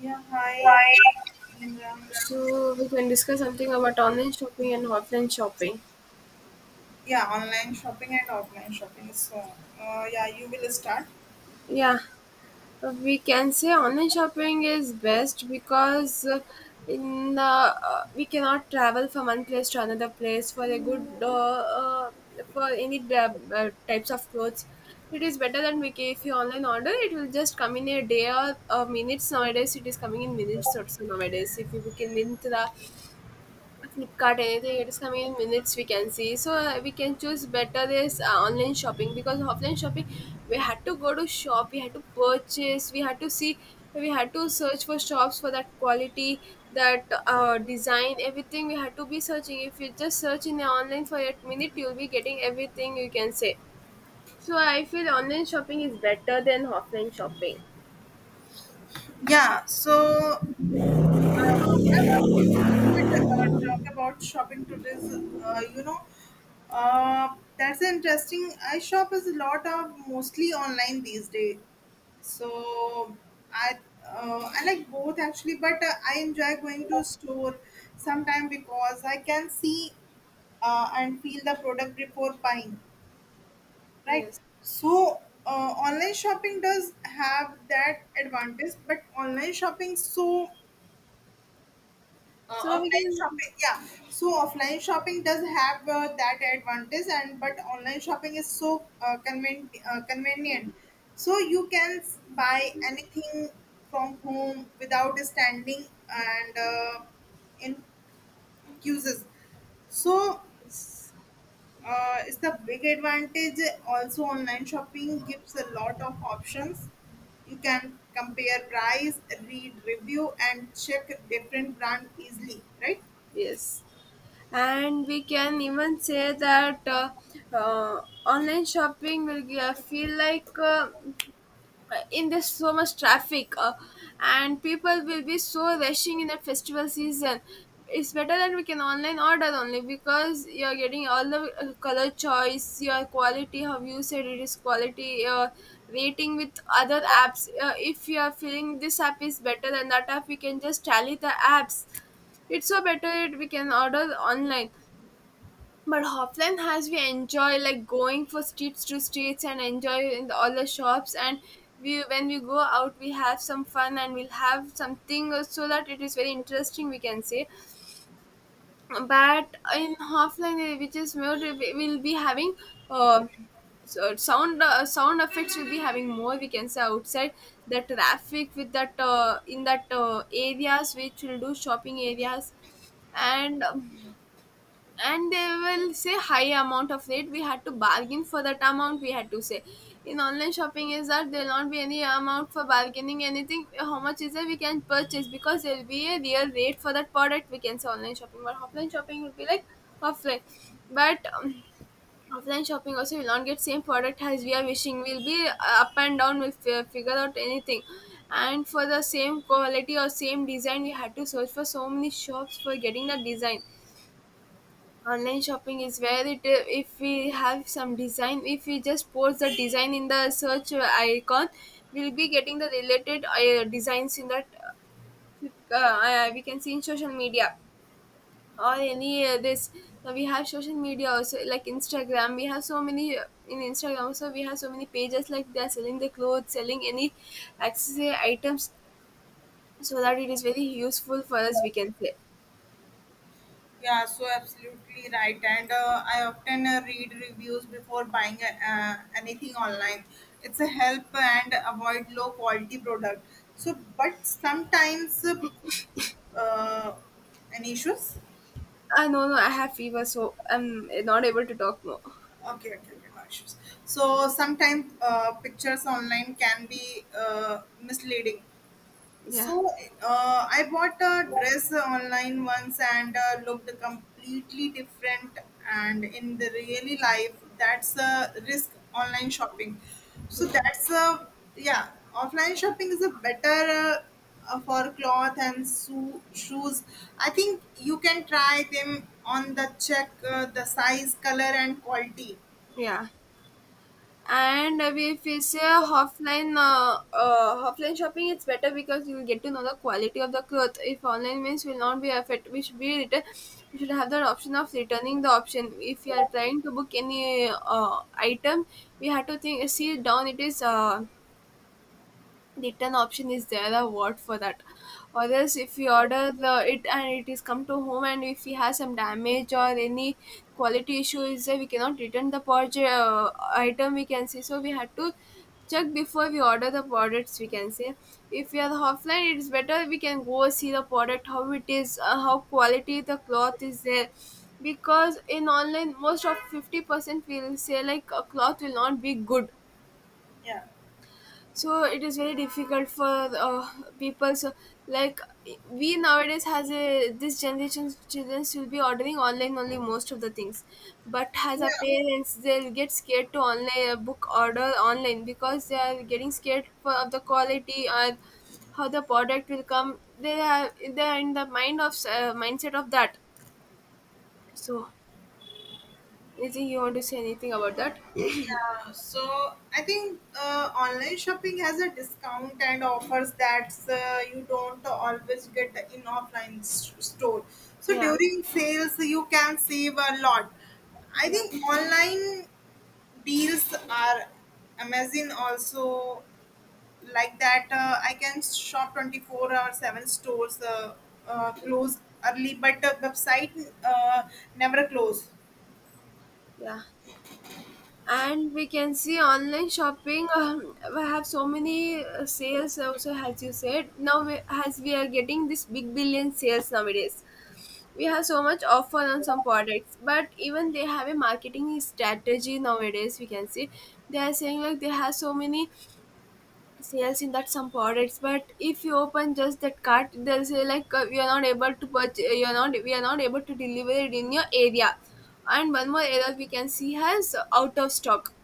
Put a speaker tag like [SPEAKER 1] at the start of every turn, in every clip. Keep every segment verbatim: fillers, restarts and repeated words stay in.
[SPEAKER 1] Yeah, hi.
[SPEAKER 2] Right.
[SPEAKER 1] Nimra.
[SPEAKER 2] So we can discuss something about online shopping and offline shopping.
[SPEAKER 1] Yeah, online shopping and offline shopping. So, uh, yeah, you will start.
[SPEAKER 2] Yeah, we can say online shopping is best because uh, in the uh, we cannot travel from one place to another place for a good uh, uh, for any da- uh, types of clothes. It is better than we can, if you online order, it will just come in a day or uh, minutes. Nowadays, it is coming in minutes also nowadays. If you book in minutes, the Flipkart, anything it is coming in minutes we can see. So uh, we can choose better this uh, online shopping, because offline shopping we had to go to shop, we had to purchase, we had to see, we had to search for shops for that quality, that uh, design, everything we had to be searching. If you just search in the online for a minute, you'll be getting everything you can say. So I feel online shopping is better than offline shopping.
[SPEAKER 1] Yeah, so uh, I'm asking we could uh, talk about shopping today's. Uh, you know, uh, that's interesting. I shop is a lot of mostly online these days. So I uh, I like both actually, but uh, I enjoy going to store sometime because I can see uh, and feel the product before buying, right.
[SPEAKER 2] Yes.
[SPEAKER 1] So uh, online shopping does have that advantage, but online shopping so uh,
[SPEAKER 2] So we
[SPEAKER 1] offline
[SPEAKER 2] can.
[SPEAKER 1] shopping, yeah. So offline shopping does have uh, that advantage, and but online shopping is so uh, conven- uh, convenient, so you can s- buy anything from home without standing and uh, in queues. So
[SPEAKER 2] Yes.
[SPEAKER 1] uh, it's the big advantage. Also online shopping gives a lot of options. You can compare price, read review and check different brand easily, right.
[SPEAKER 2] Yes. And we can even say that uh, uh, online shopping will g- uh, feel like uh, in this so much traffic uh, and people will be so rushing in the festival season, it's better that we can online order only, because you're getting all the uh, color choice, your quality, how you said it is quality. Your rating with other apps, uh, if you are feeling this app is better than that app, we can just tally the apps. It's so better that we can order online. But Hofland has, we enjoy like going for streets to streets and enjoy in the, all the shops. And we when we go out we have some fun and we'll have something, uh, so that it is very interesting we can say. But in Hofland, uh, which is more we- will be having, uh, so sound, uh, sound effects will be having more we can say, outside the traffic with that uh, in that uh, areas which will do shopping areas. And um, and they will say high amount of it, we had to bargain for that amount, we had to say. In online shopping, is that there will not be any amount for bargaining, anything how much is it we can purchase, because there will be a real rate for that product we can say, online shopping. But offline shopping will be like, offline, but um, offline shopping also will not get same product as we are wishing, will be uh, up and down, we'll fi- figure out anything. And for the same quality or same design, we had to search for so many shops for getting that design. Online shopping is where it, uh, if we have some design, if we just post the design in the search icon, we'll be getting the related uh, designs in that. uh, uh, we can see in social media or any uh, this, now we have social media also, like Instagram. We have so many, uh, in Instagram also we have so many pages, like they are selling the clothes, selling any accessory items, so that it is very useful for us we can say.
[SPEAKER 1] Yeah, so absolutely right. And uh, I often uh, read reviews before buying uh, anything online. It's a help and avoid low quality product. So, but sometimes uh, uh, any issues.
[SPEAKER 2] Ah, no, no, I have fever, so I'm not able to talk more.
[SPEAKER 1] Okay, okay, okay, no issues. So sometimes uh, pictures online can be uh, misleading.
[SPEAKER 2] Yeah.
[SPEAKER 1] So uh, I bought a dress online once and uh, looked completely different, and in the really life, that's a risk online shopping. So
[SPEAKER 2] Yeah.
[SPEAKER 1] that's a, yeah, offline shopping is a better uh, uh, for cloth and shoe, shoes. I think you can try them on the check uh, the size, color, and quality.
[SPEAKER 2] Yeah. And uh, if we say offline, uh, uh, offline shopping, it's better because you'll get to know the quality of the cloth. If online means, will not be affected, we should be return. We should have the option of returning, the option. If you are trying to book any uh, item, we have to think, see down it is, uh, return option is there, a word for that, or else if we order the it and it is come to home, and if we have some damage or any quality issue is there, we cannot return the project, uh, item we can say. So we had to check before we order the products, we can say. If we are offline, it is better, we can go see the product how it is, uh, how quality the cloth is there, because in online most of fifty percent will say like a cloth will not be good.
[SPEAKER 1] Yeah.
[SPEAKER 2] So it is very difficult for uh, people. So like, we nowadays has a, this generation's children will be ordering online only most of the things. But as our
[SPEAKER 1] Yeah.
[SPEAKER 2] parents, they'll get scared to online uh, book order online, because they are getting scared for, of the quality, or how the product will come. They are, they are in the mind of, uh, mindset of that. So, anything you want to say anything about that?
[SPEAKER 1] Yeah. So I think uh, online shopping has a discount and offers that uh, you don't always get in offline s- store. So
[SPEAKER 2] Yeah.
[SPEAKER 1] during sales, you can save a lot. I
[SPEAKER 2] Yeah.
[SPEAKER 1] think online deals are amazing also, like that uh, I can shop twenty four or seven stores uh, uh, close early, but the website uh, never close.
[SPEAKER 2] Yeah, and we can see online shopping, um, we have so many uh, sales also, as you said, now we, as we are getting this big billion sales nowadays, we have so much offer on some products. But even they have a marketing strategy nowadays we can see. They are saying like they have so many sales in that, some products, but if you open just that cart, they'll say like, uh, we are not able to purchase, you're not, we are not able to deliver it in your area. And one more error we can see has, uh, out of stock.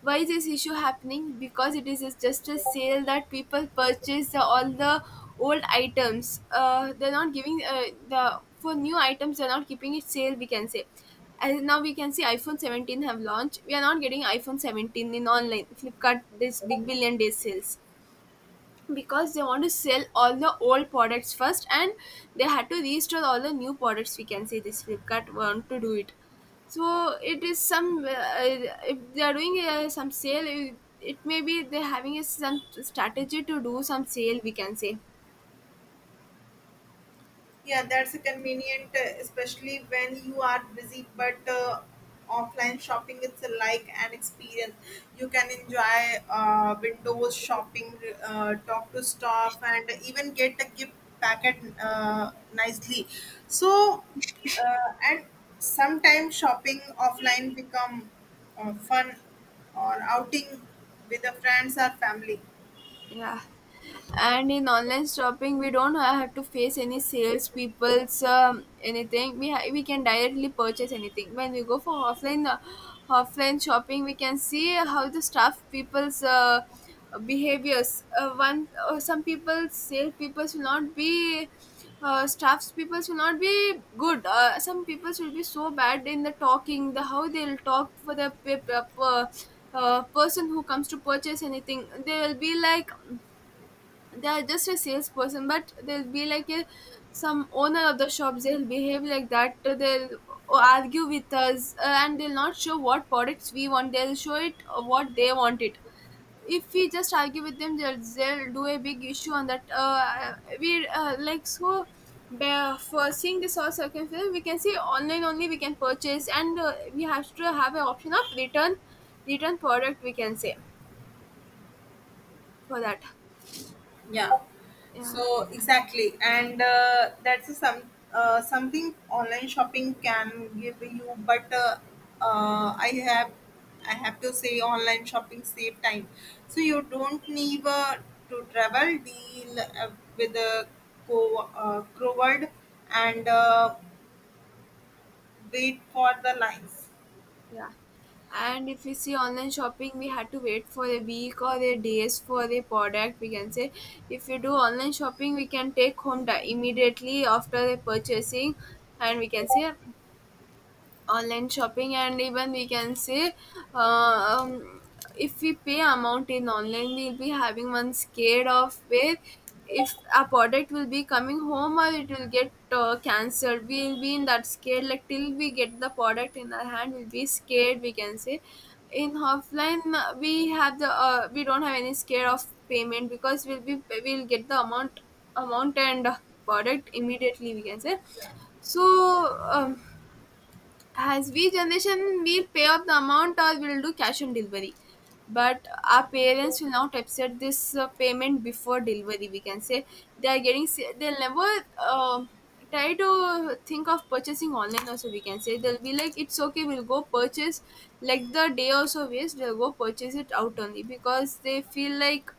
[SPEAKER 2] Why is this issue happening? Because it is just a sale that people purchase, uh, all the old items, uh, they're not giving, uh, the for new items they're not keeping it sale, we can say. And now we can see iPhone seventeen have launched, we are not getting iPhone seventeen in online Flipkart this big billion day sales, because they want to sell all the old products first, and they had to restore all the new products, we can say, this Flipkart want to do it. So it is some, uh, if they are doing uh, some sale, it, it may be they're having a, some strategy to do some sale we can say.
[SPEAKER 1] Yeah, that's a convenient, uh, especially when you are busy. But uh, offline shopping, it's a like an experience. You can enjoy uh, windows shopping, uh, talk to staff, and even get a gift packet uh, nicely. So, uh, and sometimes shopping offline become uh, fun or outing with the friends or family.
[SPEAKER 2] Yeah. And in online shopping we don't have to face any sales people's, um, anything we ha- we can directly purchase anything. When we go for offline, uh, offline shopping, we can see how the staff people's, uh, behaviors, uh, one uh, some people, sales people's will not be, uh, staffs people will not be good. Uh, some people will be so bad in the talking, the how they'll talk for the pe- pe- per- uh, person who comes to purchase anything. They will be like, they are just a salesperson, but they'll be like a some owner of the shops, they'll behave like that. They'll argue with us, uh, and they'll not show what products we want, they'll show it uh, what they want it. If we just argue with them, they'll, they'll do a big issue on that, uh, we uh, like. So by- for seeing this all circumstances, we can see online only we can purchase. And uh, we have to have an option of return, return product we can say, for that.
[SPEAKER 1] Yeah,
[SPEAKER 2] Yeah.
[SPEAKER 1] so exactly, and uh, that's a some uh, something online shopping can give you, but uh, uh, i have i have to say online shopping save time, so you don't need uh, to travel deal uh, with the co- uh, crowd and uh, wait for the lines.
[SPEAKER 2] Yeah. And if we see online shopping, we had to wait for a week or a days for the product. We can say, if you do online shopping, we can take home di- immediately after the purchasing, and we can say online shopping. And even we can say, uh, um, if we pay amount in online we'll be having one scared of where, if a product will be coming home or it will get uh, cancelled, we'll be in that scared, like till we get the product in our hand we'll be scared, we can say. In offline, uh, we have the, uh, we don't have any scare of payment, because we'll be, we'll get the amount, amount and uh, product immediately we can say. So, um, as we generation will pay up the amount or will do cash on delivery, but our parents will not accept this uh, payment before delivery, we can say. They are getting se- they'll never uh, try to think of purchasing online also, we can say. They'll be like it's okay, we'll go purchase, like the day also waste, they'll go purchase it out only, because they feel like,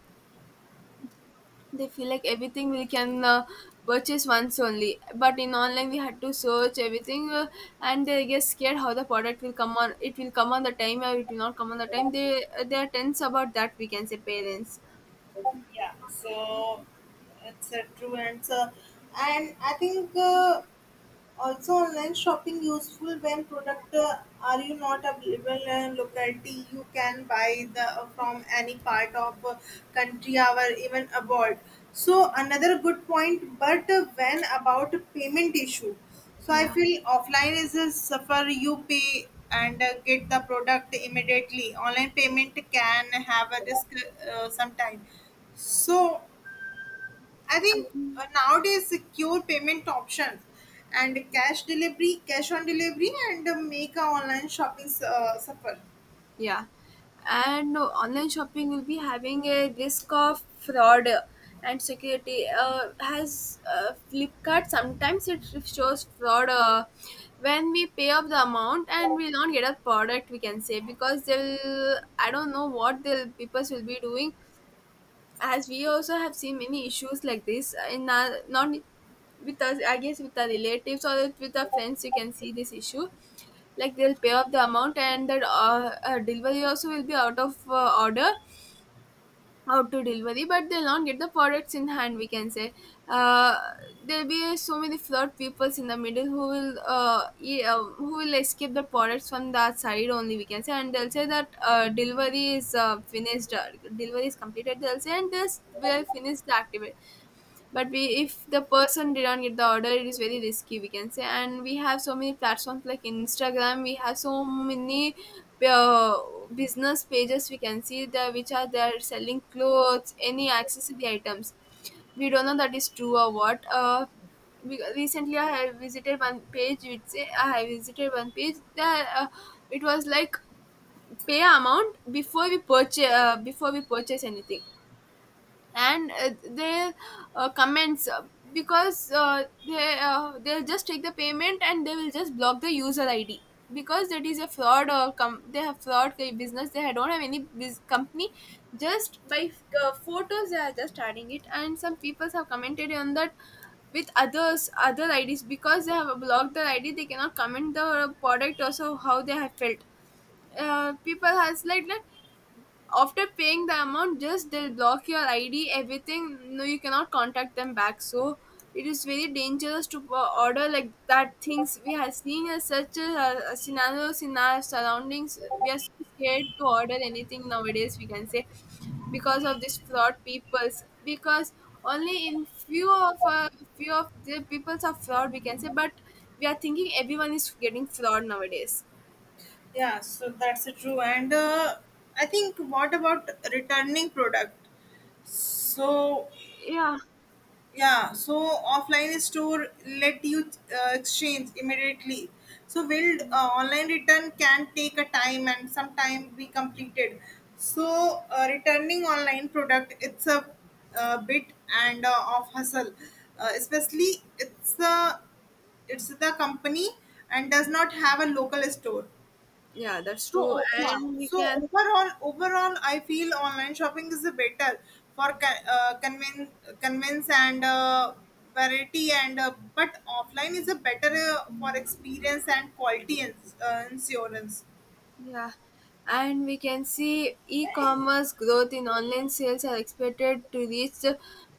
[SPEAKER 2] they feel like everything we can uh, purchase once only. But in online we had to search everything, uh, and they get scared how the product will come on, it will come on the time or it will not come on the time, they they are tense about that we can say, parents.
[SPEAKER 1] Yeah, so it's a true answer. And I think uh, also online shopping useful when product uh, are you not available in locality, you can buy the uh, from any part of uh, country or even abroad. So another good point, but uh, when about payment issue. So I
[SPEAKER 2] Yeah.
[SPEAKER 1] feel offline is a suffer, you pay and uh, get the product immediately. Online payment can have a risk uh, sometime. So I think uh, nowadays secure payment options and cash delivery, cash on delivery, and uh, make our online shopping uh, suffer.
[SPEAKER 2] Yeah, and uh, online shopping will be having a risk of fraud uh, and security. Uh, has uh, Flipkart sometimes it shows fraud uh, when we pay up the amount and we don't get a product. We can say, because they'll, I don't know what the people will be doing, as we also have seen many issues like this, uh, in our not with us, I guess, with our relatives or with our friends. You can see this issue, like they'll pay up the amount and that uh, uh, delivery also will be out of uh, order, how to delivery, but they'll not get the products in hand. We can say, uh, there'll be so many flood peoples in the middle who will uh, e- uh, who will escape the products from that side only. We can say, and they'll say that uh, delivery is uh, finished, uh, delivery is completed, they'll say, and this will finish the activity. But we, if the person did not get the order, it is very risky, we can say. And we have so many platforms like Instagram, we have so many uh, business pages, we can see the, which are there selling clothes, any accessory items. We don't know that is true or what. uh, we, recently i have visited one page which say, I have visited one page that, uh, it was like, pay amount before we purchase, uh, before we purchase anything, and uh, their uh, comments uh, because uh, they uh, they'll just take the payment and they will just block the user I D, because that is a fraud, or com- they have fraud ki- business, they don't have any biz- company. Just by uh, photos they are just adding it, and some people have commented on that with others other I Ds, because they have blocked the I D, they cannot comment the product also, how they have felt. Uh, people has, like that, after paying the amount, just they'll block your ID, everything. No, you cannot contact them back. So it is very dangerous to uh, order like that things. We have seen as such a, a scenarios in our surroundings. We are so scared to order anything nowadays, we can say, because of this fraud peoples. Because only in few of uh, few of the peoples are fraud, we can say, but we are thinking everyone is getting fraud nowadays.
[SPEAKER 1] Yeah, so that's uh, true. And uh, I think what about returning product? So,
[SPEAKER 2] Yeah.
[SPEAKER 1] yeah, so offline store let you uh, exchange immediately. So will uh, online return can take a time and sometime be completed. So uh, returning online product, it's a, uh, bit and uh, of hustle, uh, especially it's the it's the company and does not have a local store.
[SPEAKER 2] Yeah, that's
[SPEAKER 1] So
[SPEAKER 2] true,
[SPEAKER 1] o- yeah,
[SPEAKER 2] and we
[SPEAKER 1] so
[SPEAKER 2] can.
[SPEAKER 1] overall, overall, I feel online shopping is better for con- uh, convince, convince, and uh, variety, and uh, but offline is a better uh, for experience and quality and uh, insurance.
[SPEAKER 2] Yeah, and we can see e-commerce growth in online sales are expected to reach the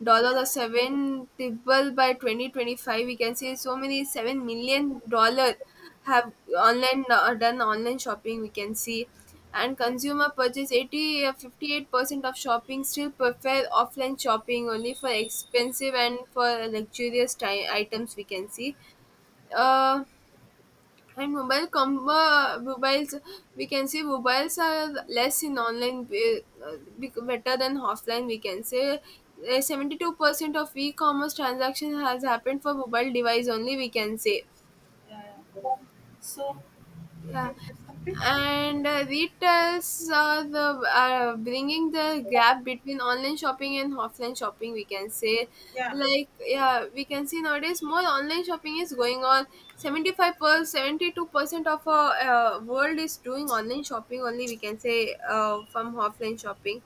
[SPEAKER 2] dollar or seven triple by twenty twenty-five. We can see so many seven million dollar have online, uh, done online shopping, we can see. And consumer purchase eighty uh, fifty-eight percent of shopping still prefer offline shopping, only for expensive and for luxurious ti- items, we can see. Uh, and mobile combo mobiles, we can say, mobiles are less in online, be, uh, bec- better than offline, we can say. Seventy two percent of e-commerce transaction has happened for mobile device only, we can say.
[SPEAKER 1] So,
[SPEAKER 2] Yeah,
[SPEAKER 1] fifteen minutes complete.
[SPEAKER 2] and uh, retails, uh, the uh, bringing the gap between online shopping and offline shopping, we can say.
[SPEAKER 1] Yeah.
[SPEAKER 2] Like, yeah, we can see nowadays more online shopping is going on. seventy-five per seventy-two percent of our uh, world is doing online shopping only, we can say, uh, from offline shopping.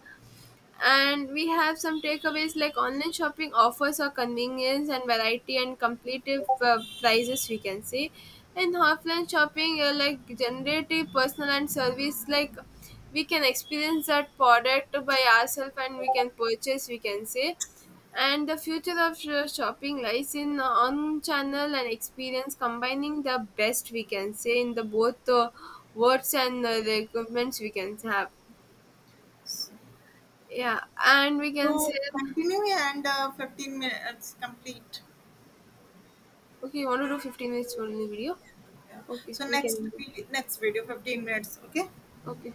[SPEAKER 2] And we have some takeaways, like online shopping offers our convenience and variety and competitive uh, prices, we can see. In offline shopping, uh, like generative personal and service, like we can experience that product by ourselves and we can purchase, we can say. And the future of sh- shopping lies in uh, on channel and experience, combining the best, we can say, in the both uh, words and uh, the equipments we can have. Yeah, and we can say.
[SPEAKER 1] So continue, and uh, fifteen minutes complete.
[SPEAKER 2] Okay, you want to do fifteen minutes for the video?
[SPEAKER 1] Yeah.
[SPEAKER 2] Okay,
[SPEAKER 1] So
[SPEAKER 2] we
[SPEAKER 1] next
[SPEAKER 2] can do.
[SPEAKER 1] vi- next video fifteen minutes. Okay.
[SPEAKER 2] Okay.